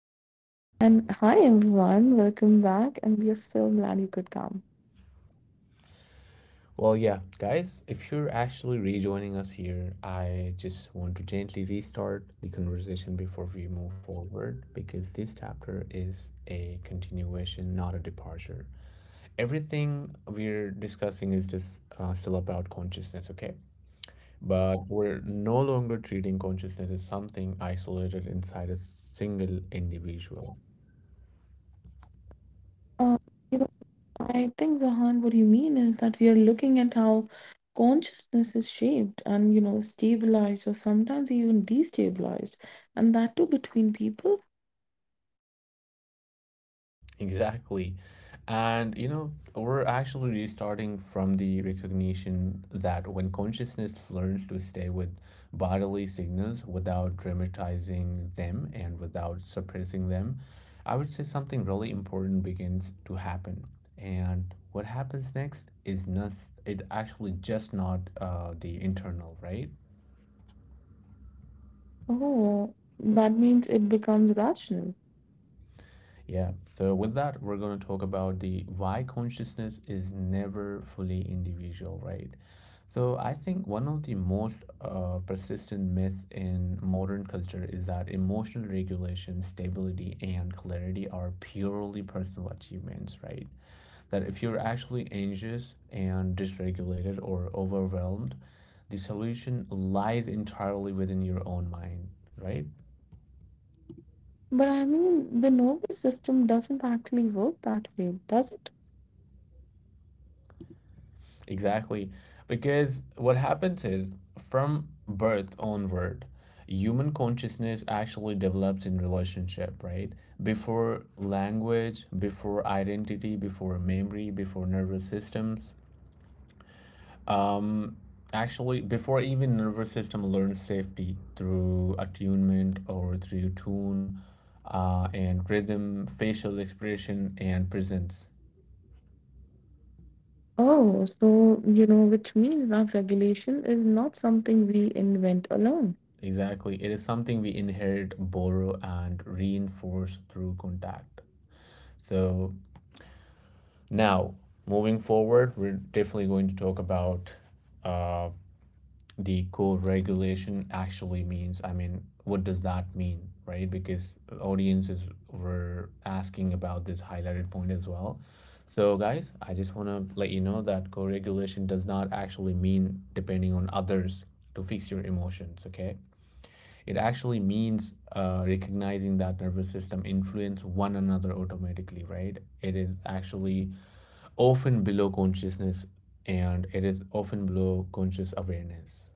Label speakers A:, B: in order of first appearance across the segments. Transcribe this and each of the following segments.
A: Zahan. And hi, everyone. Welcome back. And we are so glad you could come.
B: Guys, if you're actually rejoining us here, I just want to gently restart the conversation before we move forward because this chapter is a continuation, not a departure. Everything we're discussing is just still about consciousness, okay? But we're no longer treating consciousness as something isolated inside a single individual.
A: Uh, you know, I think, Zahan, what you mean is that we are looking at how consciousness is shaped and, stabilized or sometimes even destabilized. And that too between people.
B: Exactly. And, you know, we're actually restarting from the recognition that when consciousness learns to stay with bodily signals without dramatizing them and without suppressing them, I would say something really important begins to happen. And what happens next is not, it actually just not the internal, right?
A: Oh, that means it becomes rational.
B: Yeah, so with that, we're going to talk about the why consciousness is never fully individual, right? So I think one of the most persistent myths in modern culture is that emotional regulation, stability, and clarity are purely personal achievements, right? That if you're actually anxious and dysregulated or overwhelmed, the solution lies entirely within your own mind, right?
A: But I mean, the nervous system doesn't actually work that way, does it?
B: Exactly. Because what happens is, from birth onward, human consciousness actually develops in relationship, right? Before language, before identity, before memory, before nervous systems. Um, Actually, before even nervous system learns safety through attunement or through tune and rhythm, facial expression, and presence.
A: Oh, so, which means that regulation is not something we invent alone.
B: Exactly. It is something we inherit, borrow, and reinforce through contact. So now, moving forward, we're definitely going to talk about uh, the co-regulation actually means. I mean, what does that mean, right? Because audiences were asking about this highlighted point as well. So, guys, I just want to let you know that co regulation does not actually mean depending on others to fix your emotions, okay? It actually means recognizing that nervous system influence one another automatically, right? It is actually often below consciousness and it is often below conscious awareness.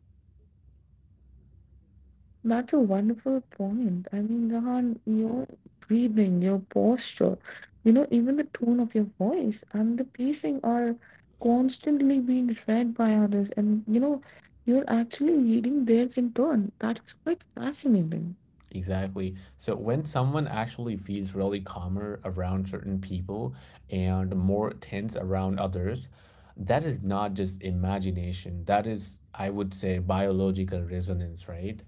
A: That's a wonderful point. I mean, Jahan, your breathing, your posture, even the tone of your voice and the pacing are constantly being read by others. And, you're actually reading theirs in turn. That's quite fascinating.
B: Exactly. So when someone actually feels really calmer around certain people and more tense around others, that is not just imagination. That is, I would say, biological resonance, right?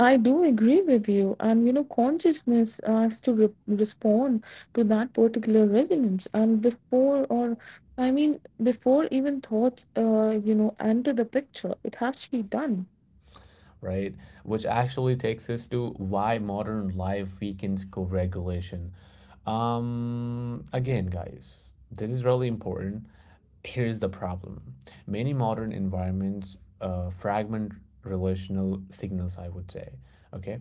A: I do agree with you. And, consciousness has to re respond to that particular resonance. And before, or I mean, before even thoughts, enter the picture, it has to be done.
B: right? Which actually takes us to why modern life weakens co regulation. Again, guys, this is really important. Here is the problem: many modern environments fragment relational signals, I would say, okay?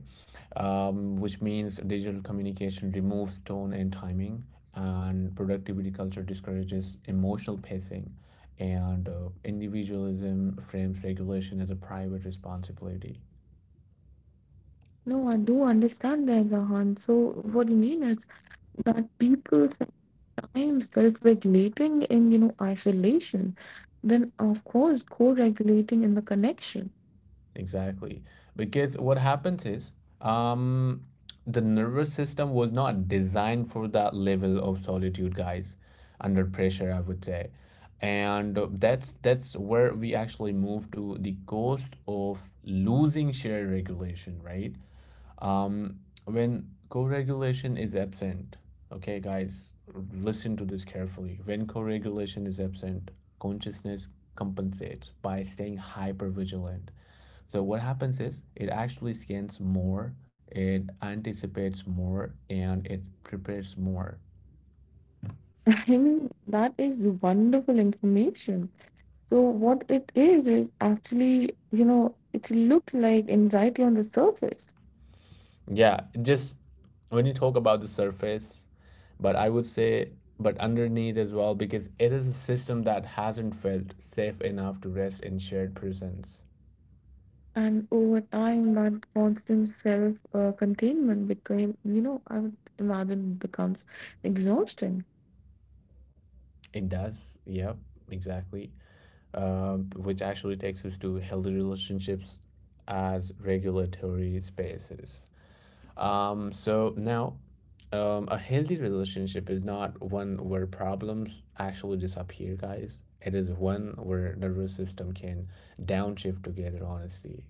B: Which means digital communication removes tone and timing. And productivity culture discourages emotional pacing and individualism frames regulation as a private responsibility.
A: No, I do understand that, Zahan. So what you mean is that people sometimes self-regulating in, isolation, then of course co-regulating in the connection.
B: Exactly. Because what happens is, um, the nervous system was not designed for that level of solitude, guys, under pressure, I would say. And that's where we actually move to the cost of losing shared regulation, right? um, when co-regulation is absent, okay guys, listen to this carefully. When co-regulation is absent, consciousness compensates by staying hyper vigilant. So what happens is it actually scans more, it anticipates more, and it prepares more.
A: I mean, that is wonderful information. So what it is actually, it looks like anxiety on the surface.
B: Yeah, just when you talk about the surface, but I would say, but underneath as well, because it is a system that hasn't felt safe enough to rest in shared presence.
A: And over time, that constant self containment became, I would imagine becomes exhausting.
B: It does. Yep, exactly. Which actually takes us to healthy relationships as regulatory spaces. Um, so now, a healthy relationship is not one where problems actually disappear, guys. It is one where nervous system can downshift together, honestly.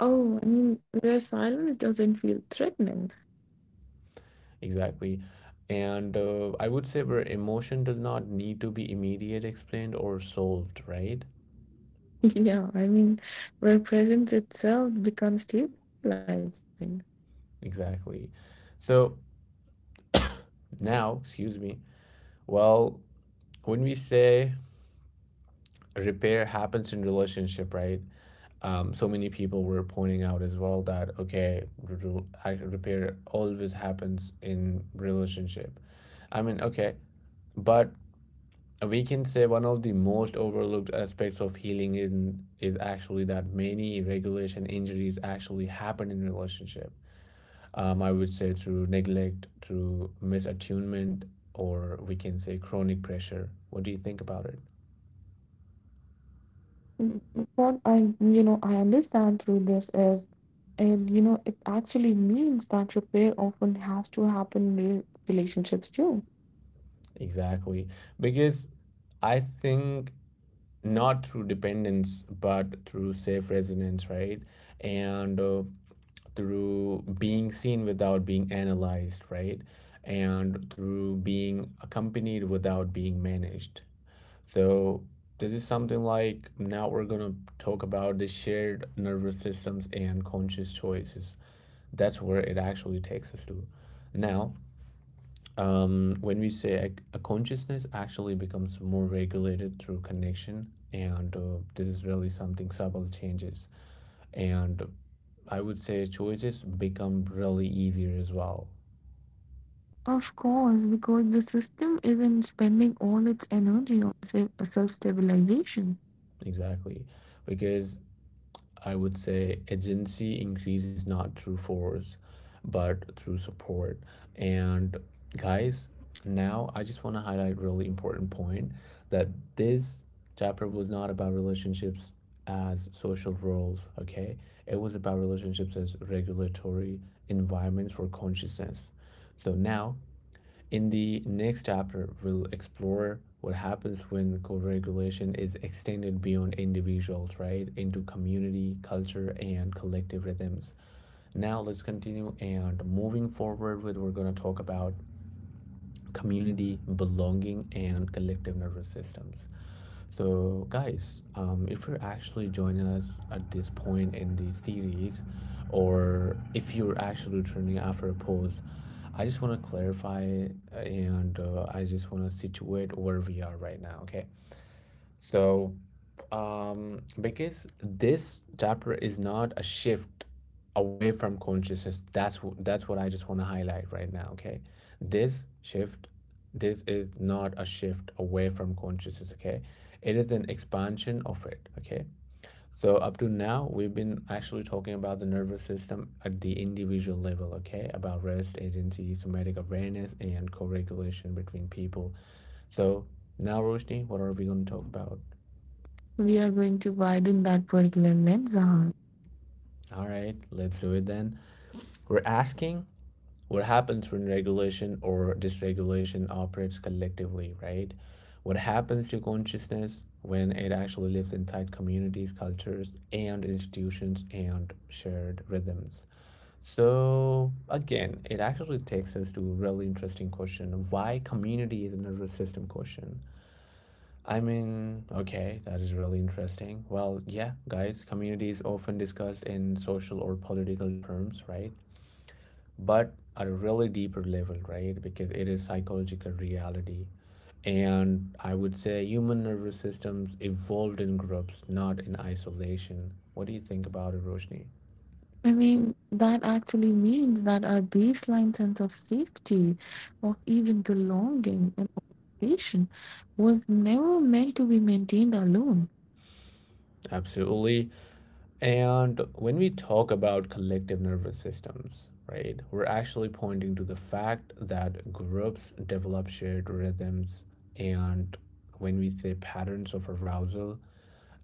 A: Oh, I mean, where silence doesn't feel threatening.
B: Exactly. And I would say where emotion does not need to be immediate explained or solved, right?
A: Yeah, I mean, where presence itself becomes stabilizing.
B: Exactly. So now, excuse me. Well, when we say repair happens in relationship, right? So many people were pointing out as well that, okay, repair always happens in relationship. I mean, okay, but we can say one of the most overlooked aspects of healing in, is actually that many regulation injuries actually happen in relationship, I would say through neglect, through misattunement, or we can say chronic pressure. What do you think about it?
A: Mm, What I, I understand through this is, and you know, it actually means that repair often has to happen in relationships too.
B: Exactly. Because I think not through dependence, but through safe resonance, right? And through being seen without being analyzed, right? And through being accompanied without being managed. So, this is something like now we're going to talk about the shared nervous systems and conscious choices. That's where it actually takes us to. Now, when we say a consciousness actually becomes more regulated through connection, and this is really something subtle changes. And I would say choices become really easier as well.
A: Of course, because the system isn't spending all its energy on self- stabilization
B: Exactly. Because I would say agency increases not through force, but through support. And guys, now I just want to highlight a really important point that this chapter was not about relationships as social roles, okay? It was about relationships as regulatory environments for consciousness. So now in the next chapter, we'll explore what happens when co regulation is extended beyond individuals, right, into community, culture, and collective rhythms. Now, let's continue and moving forward with we're going to talk about community, belonging, and collective nervous systems. So, guys, if you're actually joining us at this point in the series, or if you're actually returning after a pause, I just want to clarify and I just want to situate where we are right now, okay? So, because this chapter is not a shift away from consciousness, that's what I just want to highlight right now. Okay, this shift, this is not a shift away from consciousness. Okay, it is an expansion of it. Okay. So up to now, we've been actually talking about the nervous system at the individual level, okay? About rest, agency, somatic awareness, and co-regulation between people. So now, Roshni, what are we going to talk about?
A: We are going to widen that particular lens,
B: All right, let's do it then. We're asking what happens when regulation or dysregulation operates collectively, right? What happens to consciousness when it actually lives inside communities, cultures, and institutions and shared rhythms? So, again, it actually takes us to a really interesting question: why community is a nervous system question. I mean, okay, that is really interesting. Well, yeah, guys, community is often discussed in social or political terms, right? But at a really deeper level, right? Because it is psychological reality. And I would say human nervous systems evolved in groups, not in isolation. What do you think about it, Roshni?
A: I mean, that actually means that our baseline sense of safety, of even belonging and nation, was never meant to be maintained alone.
B: Absolutely. And when we talk about collective nervous systems, right, we're actually pointing to the fact that groups develop shared rhythms. And when we say patterns of arousal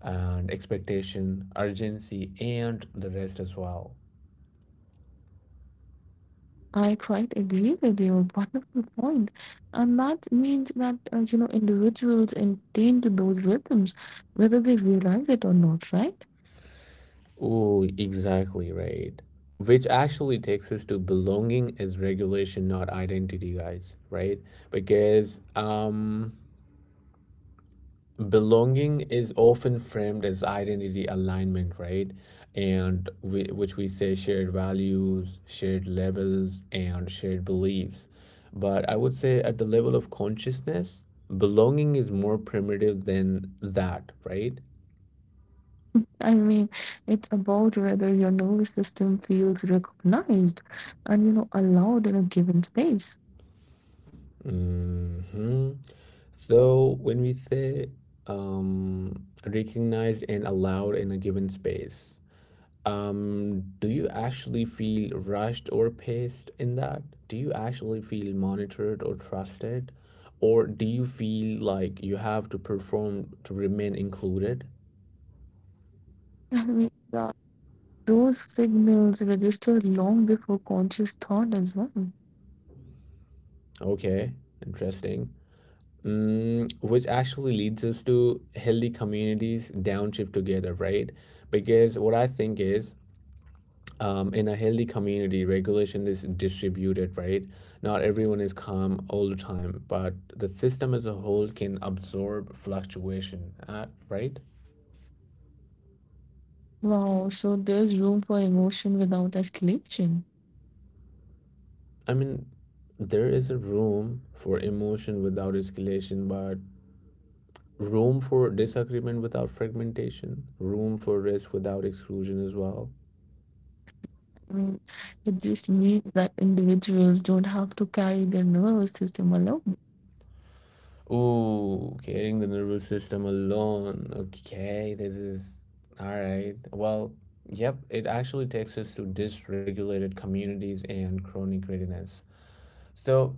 B: and expectation, urgency, and the rest as well.
A: I quite agree with you. Wonderful point. And that means that, individuals attain to those rhythms, whether they realize it or not, right?
B: Oh, exactly right. Which actually takes us to belonging is regulation, not identity, guys, right? Because belonging is often framed as identity alignment, right? And which we say shared values, shared labels, and shared beliefs, but I would say at the level of consciousness, belonging is more primitive than that, right?
A: I mean, it's about whether your nervous system feels recognized and, allowed in a given space.
B: Hmm. So when we say um, recognized and allowed in a given space, do you actually feel rushed or paced in that? Do you actually feel monitored or trusted? Or do you feel like you have to perform to remain included?
A: I mean, those signals register long before conscious thought as well.
B: Okay, interesting. Mm, which actually leads us to healthy communities downshift together, right? Because what I think is, in a healthy community, regulation is distributed, right? Not everyone is calm all the time, but the system as a whole can absorb fluctuation, right?
A: Wow, so there's room for emotion without escalation.
B: I mean, there is a room for emotion without escalation, but room for disagreement without fragmentation, room for rest without exclusion as well.
A: I mean, it just means that individuals don't have to carry their nervous system alone.
B: Oh, getting the nervous system alone. Okay, this is all right. Well, yep, it actually takes us to dysregulated communities and chronic readiness. So,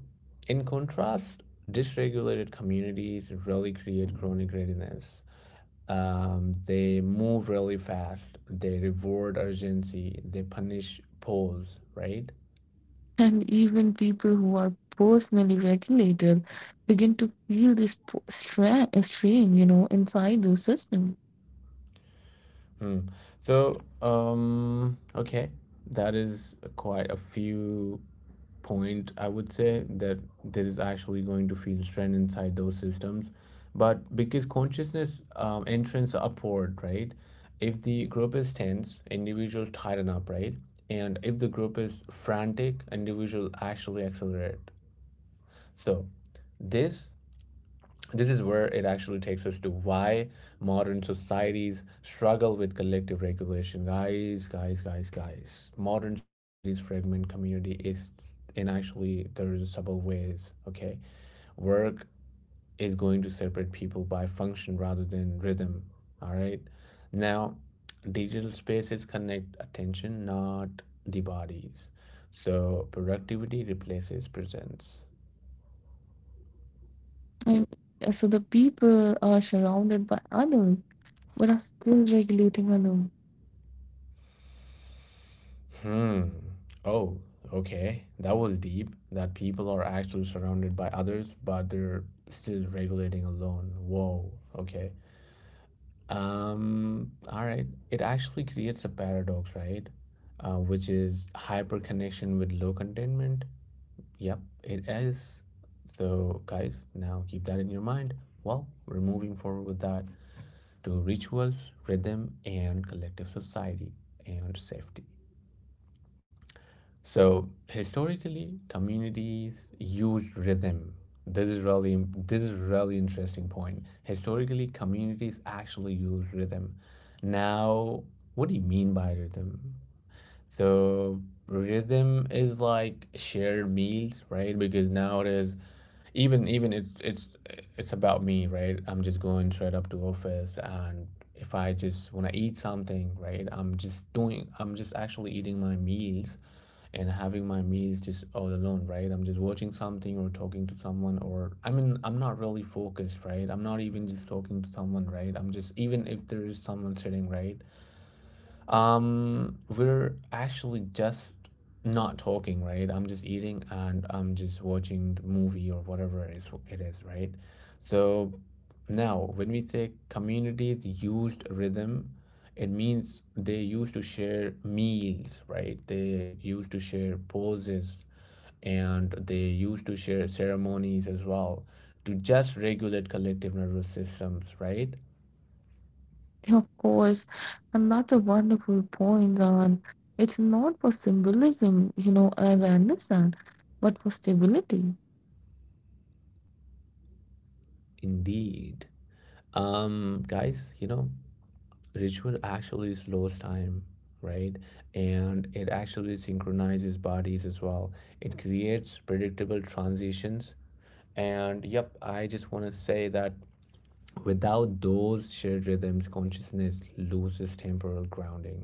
B: in contrast, dysregulated communities really create chronic readiness. They move really fast, they reward urgency, they punish pause, right?
A: And even people who are personally regulated begin to feel this strain, inside those systems.
B: Hmm. So, okay, that is quite a few point. I would say that there is actually going to feel strain inside those systems, but because consciousness entrance upward, right? If the group is tense, individuals tighten up, right? And if the group is frantic, individuals actually accelerate. So, this this is where it actually takes us to why modern societies struggle with collective regulation. Guys, modern societies fragment community is in actually serviceable ways, okay? Work is going to separate people by function rather than rhythm. All right, now digital spaces connect attention, not the bodies. So productivity replaces presence.
A: And so the people are surrounded by others, but are still regulating alone.
B: Hmm. Oh, okay. That was deep. That people are actually surrounded by others, but they're still regulating alone. Whoa. Okay. All right. It actually creates a paradox, right? Which is hyper connection with low containment. Yep, it is. So, guys, now keep that in your mind. Well, we're moving forward with that to rituals, rhythm, and collective society and safety. So historically, communities used rhythm. This is really interesting point. Historically, communities actually use rhythm. Now, what do you mean by rhythm? So rhythm is like shared meals, right? Because nowadays, even even it's about me, right? I'm just going straight up to office, and if I just want to eat something, right? I'm just doing. I'm just actually eating my meals, and having my meals just all alone, right? I'm just watching something or talking to someone, or I mean, I'm not really focused, right? I'm not even just talking to someone, right? I'm just even if there is someone sitting, right? We're actually just not talking, right? I'm just eating and I'm just watching the movie or whatever it is, right? So now, when we say communities used rhythm, it means they used to share meals, right? They used to share poses and they used to share ceremonies as well to just regulate collective nervous systems, right?
A: Of course, and that's a wonderful point, and it's not for symbolism, as I understand, but for stability,
B: Indeed. Guys, you know, ritual actually slows time, right? And it actually synchronizes bodies as well. It creates predictable transitions, and yep, I just want to say that without those shared rhythms, consciousness loses temporal grounding,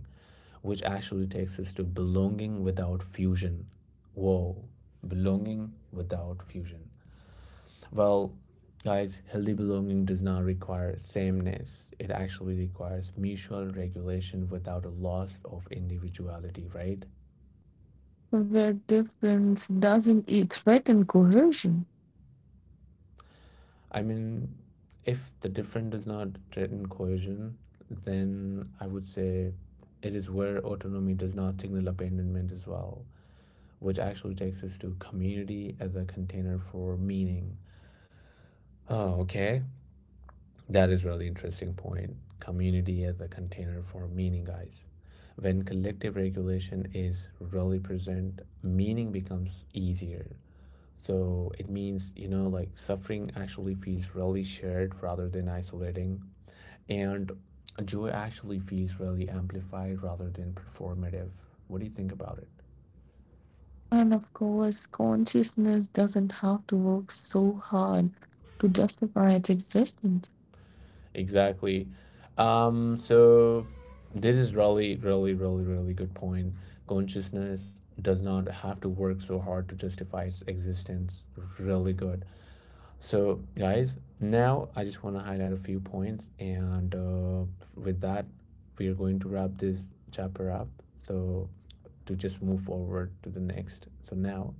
B: which actually takes us to belonging without fusion. Whoa. Belonging without fusion. Well, guys, healthy belonging does not require sameness. It actually requires mutual regulation without a loss of individuality, right?
A: where difference doesn't threaten coercion.
B: I mean, if the different does not threaten cohesion, then I would say it is where autonomy does not signal abandonment as well, which actually takes us to community as a container for meaning. Oh, okay. That is really interesting point. Community as a container for meaning, guys. When collective regulation is really present, meaning becomes easier. So it means, you know, like suffering actually feels really shared rather than isolating. And joy actually feels really amplified rather than performative. What do you think about it?
A: And of course, consciousness doesn't have to work so hard to justify its existence.
B: Exactly. So this is really, really, really, really good point. Consciousness does not have to work so hard to justify its existence. Really good. So, guys, now I just want to highlight a few points, and with that, we are going to wrap this chapter up. So, to just move forward to the next. So now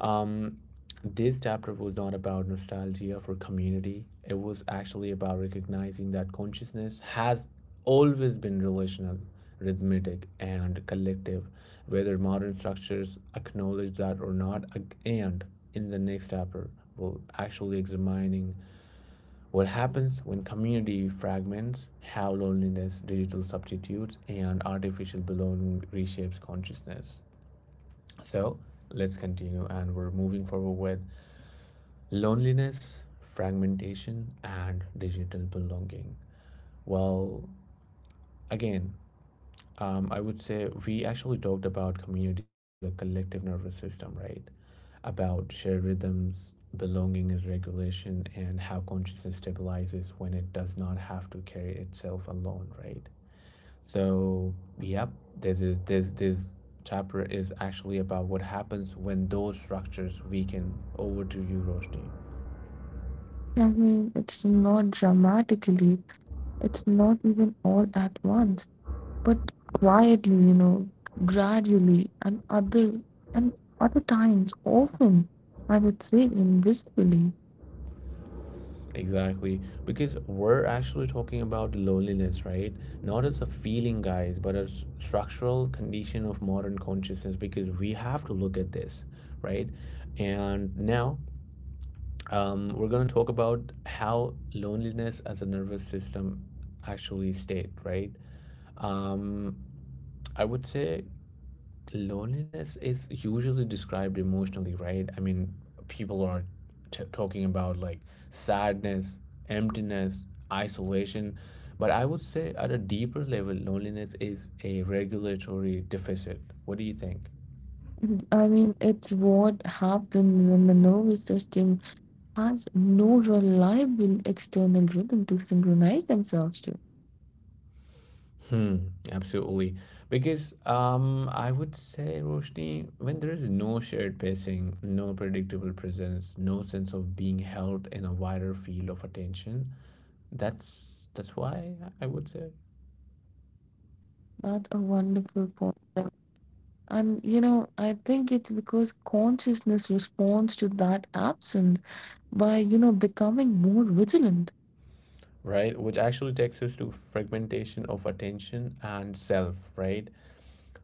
B: um, this chapter was not about nostalgia for community. It was actually about recognizing that consciousness has always been relational, rhythmic, and collective, whether modern structures acknowledge that or not. And in the next chapter, we'll actually examining what happens when community fragments, how loneliness, digital substitutes, and artificial belonging reshapes consciousness. So let's continue, and we're moving forward with loneliness, fragmentation, and digital belonging. Well, again, I would say we actually talked about community as a collective nervous system, right? About shared rhythms, belonging as regulation, and how consciousness stabilizes when it does not have to carry itself alone, right? So, yep, this chapter is actually about what happens when those structures weaken. Over to you, Roshni.
A: I mean, it's not dramatically, it's not even all at once, but quietly, gradually, and other times, often, I would say invisibly.
B: Exactly, because we're actually talking about loneliness, right? Not as a feeling, guys, but as structural condition of modern consciousness. Because we have to look at this, right? And now, we're gonna talk about how loneliness as a nervous system actually state, right? Um, I would say loneliness is usually described emotionally, right? I mean, people are talking about like sadness, emptiness, isolation. But I would say at a deeper level, loneliness is a regulatory deficit. What do you think?
A: I mean, it's what happens when the nervous system has no reliable external rhythm to synchronize themselves to.
B: Hmm, absolutely. Because I would say, Roshni, when there is no shared pacing, no predictable presence, no sense of being held in a wider field of attention, that's why I would say.
A: That's a wonderful point. And you know, I think it's because consciousness responds to that absence by, becoming more vigilant.
B: Right, which actually takes us to fragmentation of attention and self, right?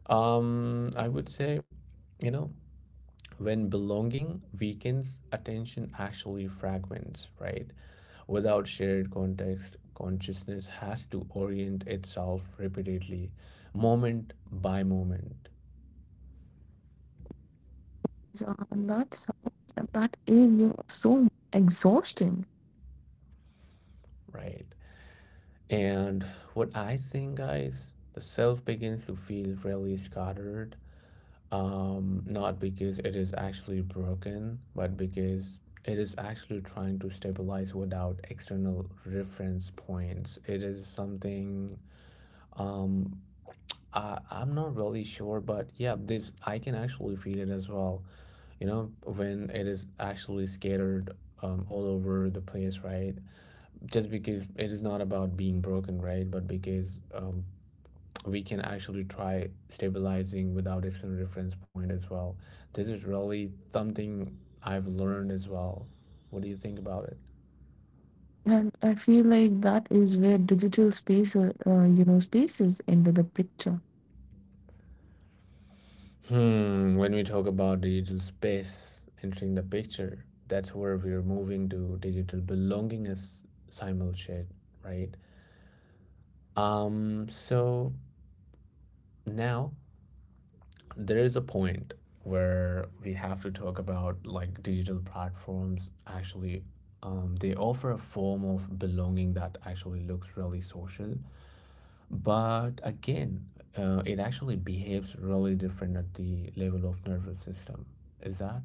B: I would say you know, when belonging weakens, attention actually fragments, right? Without shared context, consciousness has to orient itself repeatedly, moment by moment,
A: Yeah, that sounds, that is, so exhausting,
B: right? And what I think, guys, the self begins to feel really scattered. Not because it is actually broken, but because it is actually trying to stabilize without external reference points. It is something um I'm not really sure, but yeah, this I can actually feel it as well. You know, when it is actually scattered all over the place, right? Just because it is not about being broken, right? But because we can actually try stabilizing without external reference point as well. This is really something I've learned as well. What do you think about it?
A: and I feel like that is where digital space, spaces into the picture.
B: Hmm, when we talk about digital space entering the picture, that's where we're moving to digital belongingness simul shit, right? So now there is a point where we have to talk about like digital platforms actually they offer a form of belonging that actually looks really social, but again, it actually behaves really different at the level of nervous system, is that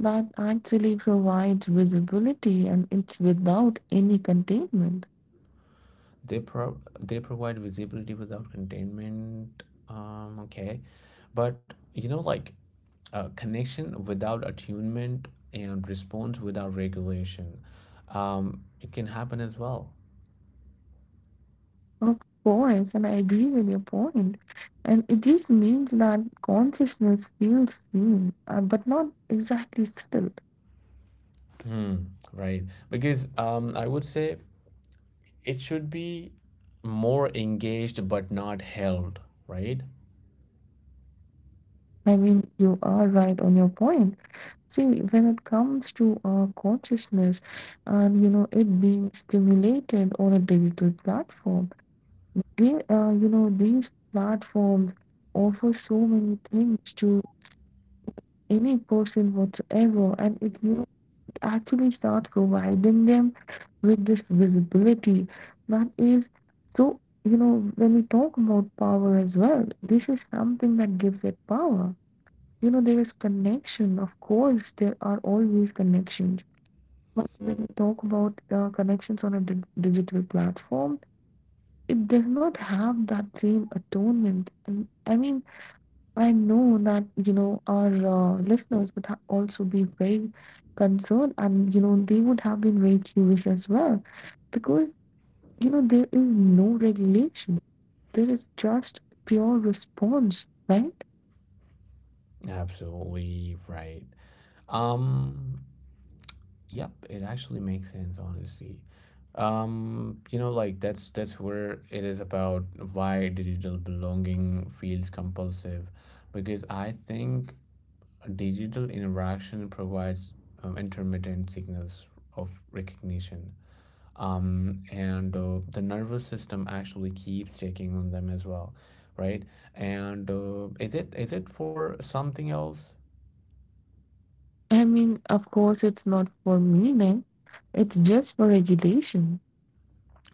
A: That actually provides visibility, and it's without any containment.
B: they provide visibility without containment. Okay. But you know, like, connection without attunement and response without regulation, it can happen as well.
A: Of course, and I agree with your point. And it just means that consciousness feels seen, but not exactly settled.
B: Hmm, right. Because I would say it should be more engaged but not held, right?
A: I mean, you are right on your point. See, when it comes to our consciousness and you know it being stimulated on a digital platform, they you know, these platforms offer so many things to any person whatsoever, and it, you know, it actually starts providing them with this visibility that is so. You know, when we talk about power as well, this is something that gives it power. You know, there is connection, of course, there are always connections, but when we talk about connections on a digital platform, it does not have that same atonement. And I mean, I know that, you know, our listeners would also be very concerned, and you know they would have been very curious as well, because you know there is no regulation, there is just pure response, right?
B: Absolutely right. um Yep, it actually makes sense, honestly. You know, like that's where it is about why digital belonging feels compulsive, because I think digital interaction provides intermittent signals of recognition. And the nervous system actually keeps taking on them as well, right? And is it for something else?
A: I mean, of course, it's not for meaning, it's just for regulation.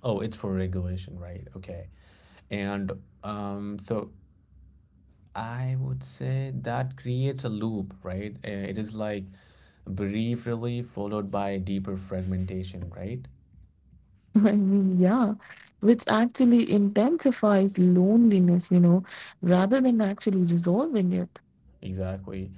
B: Oh, it's for regulation, right? Okay. And so I would say that creates a loop, right? It is like brief relief followed by deeper fragmentation, right?
A: I mean, yeah, which actually intensifies loneliness, rather than actually resolving it.
B: Exactly.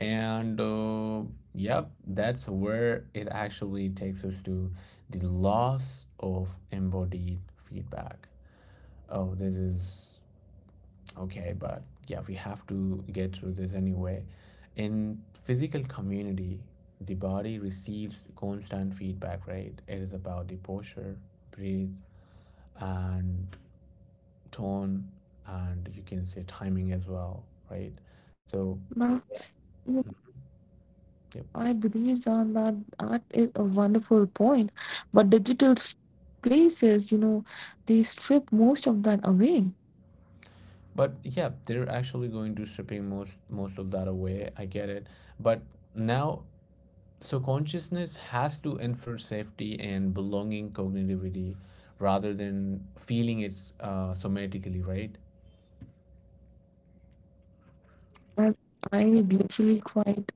B: And yep, that's where it actually takes us to the loss of embodied feedback. Oh, this is okay, but yeah, we have to get through this anyway. In physical community, the body receives constant feedback, right? It is about the posture, breathe, and tone, and you can say timing as well, right? So,
A: But you know,
B: mm, yep,
A: I believe on that, that is a wonderful point. But digital places, they strip most of that away.
B: but yeah, they're actually going to stripping most of that away, I get it. But now, so consciousness has to infer safety and belonging cognitively rather than feeling it, somatically, right?
A: I, I literally quite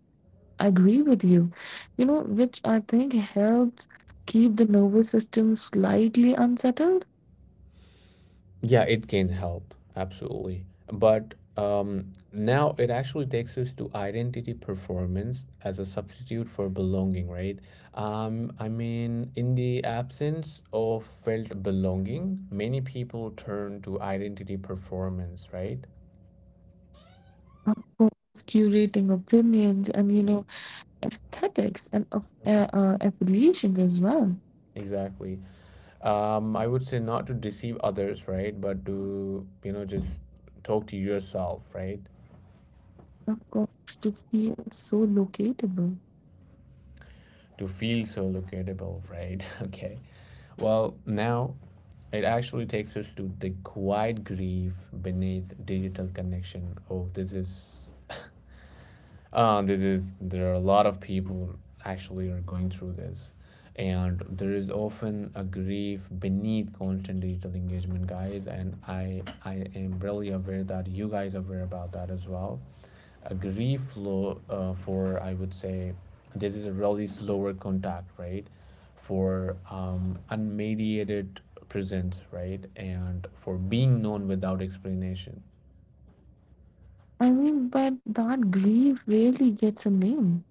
A: I agree with you. You know, which I think helps keep the nervous system slightly unsettled.
B: Yeah, it can help, absolutely. But now it actually takes us to identity performance as a substitute for belonging, right? I mean, in the absence of felt belonging, many people turn to identity performance, right?
A: Of course, curating opinions and, aesthetics and of affiliations as well.
B: Exactly. I would say not to deceive others, right? But to, you know, just talk to yourself, right?
A: Of course, to feel so locatable.
B: To feel so locatable, right? Okay. Well, now it actually takes us to the quiet grief beneath digital connection. Oh, this is this is there are a lot of people actually are going through this, and there is often a grief beneath constant digital engagement, guys. And I am really aware that you guys are aware about that as well. A grief flow for, I would say, this is a really slower contact, right? For unmediated presence, right? And for being known without explanation.
A: I mean, but that grief really gets a name.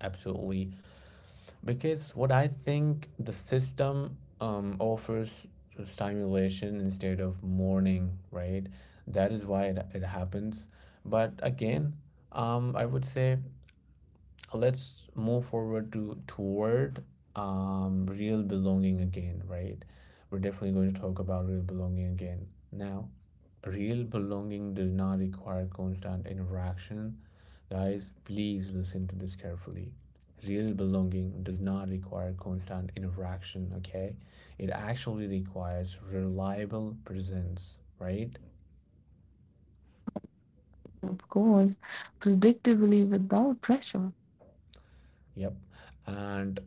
B: Absolutely. Because what I think the system offers stimulation instead of mourning, right? That is why it happens. But again, I would say so let's move forward to toward real belonging again, right? We're definitely going to talk about real belonging again. Now, real belonging does not require constant interaction. Guys, please listen to this carefully. Real belonging does not require constant interaction, okay? It actually requires reliable presence, right?
A: Of course, predictably without pressure.
B: Yep. And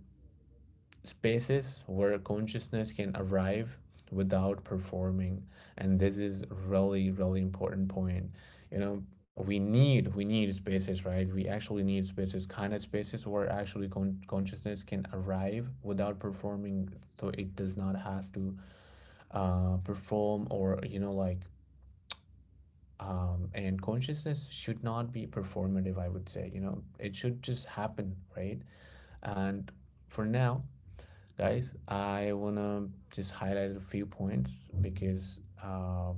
B: spaces where consciousness can arrive without performing. And this is really really important point. You know, we need spaces, right? We actually need spaces, kind of spaces where actually consciousness can arrive without performing. So it does not has to perform, or you know like, and consciousness should not be performative, I would say. You know, it should just happen, right? And for now, guys, I wanna just highlight a few points, because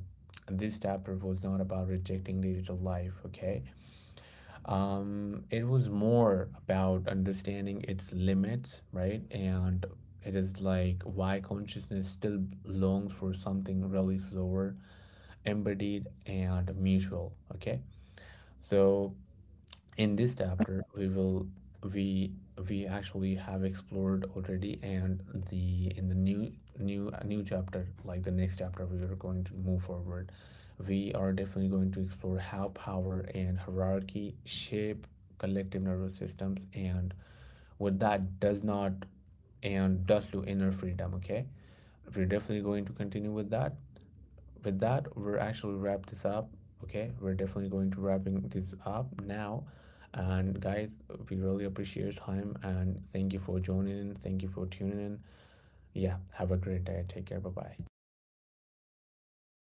B: this chapter was not about rejecting digital life, okay? It was more about understanding its limits, right? And it is like why consciousness still longs for something really slower, embodied, and mutual, okay? So in this chapter we will we we actually have explored already, and the in the new new chapter, like the next chapter, we are going to move forward. We are definitely going to explore how power and hierarchy shape collective nervous systems, and what that does not and does to inner freedom, okay? We're definitely going to continue with that. With that, we're actually wrap this up. Okay, we're definitely going to wrapping this up now. And guys, we really appreciate your time and thank you for joining in. Thank you for tuning in. Yeah, have a great day. Take care. Bye bye.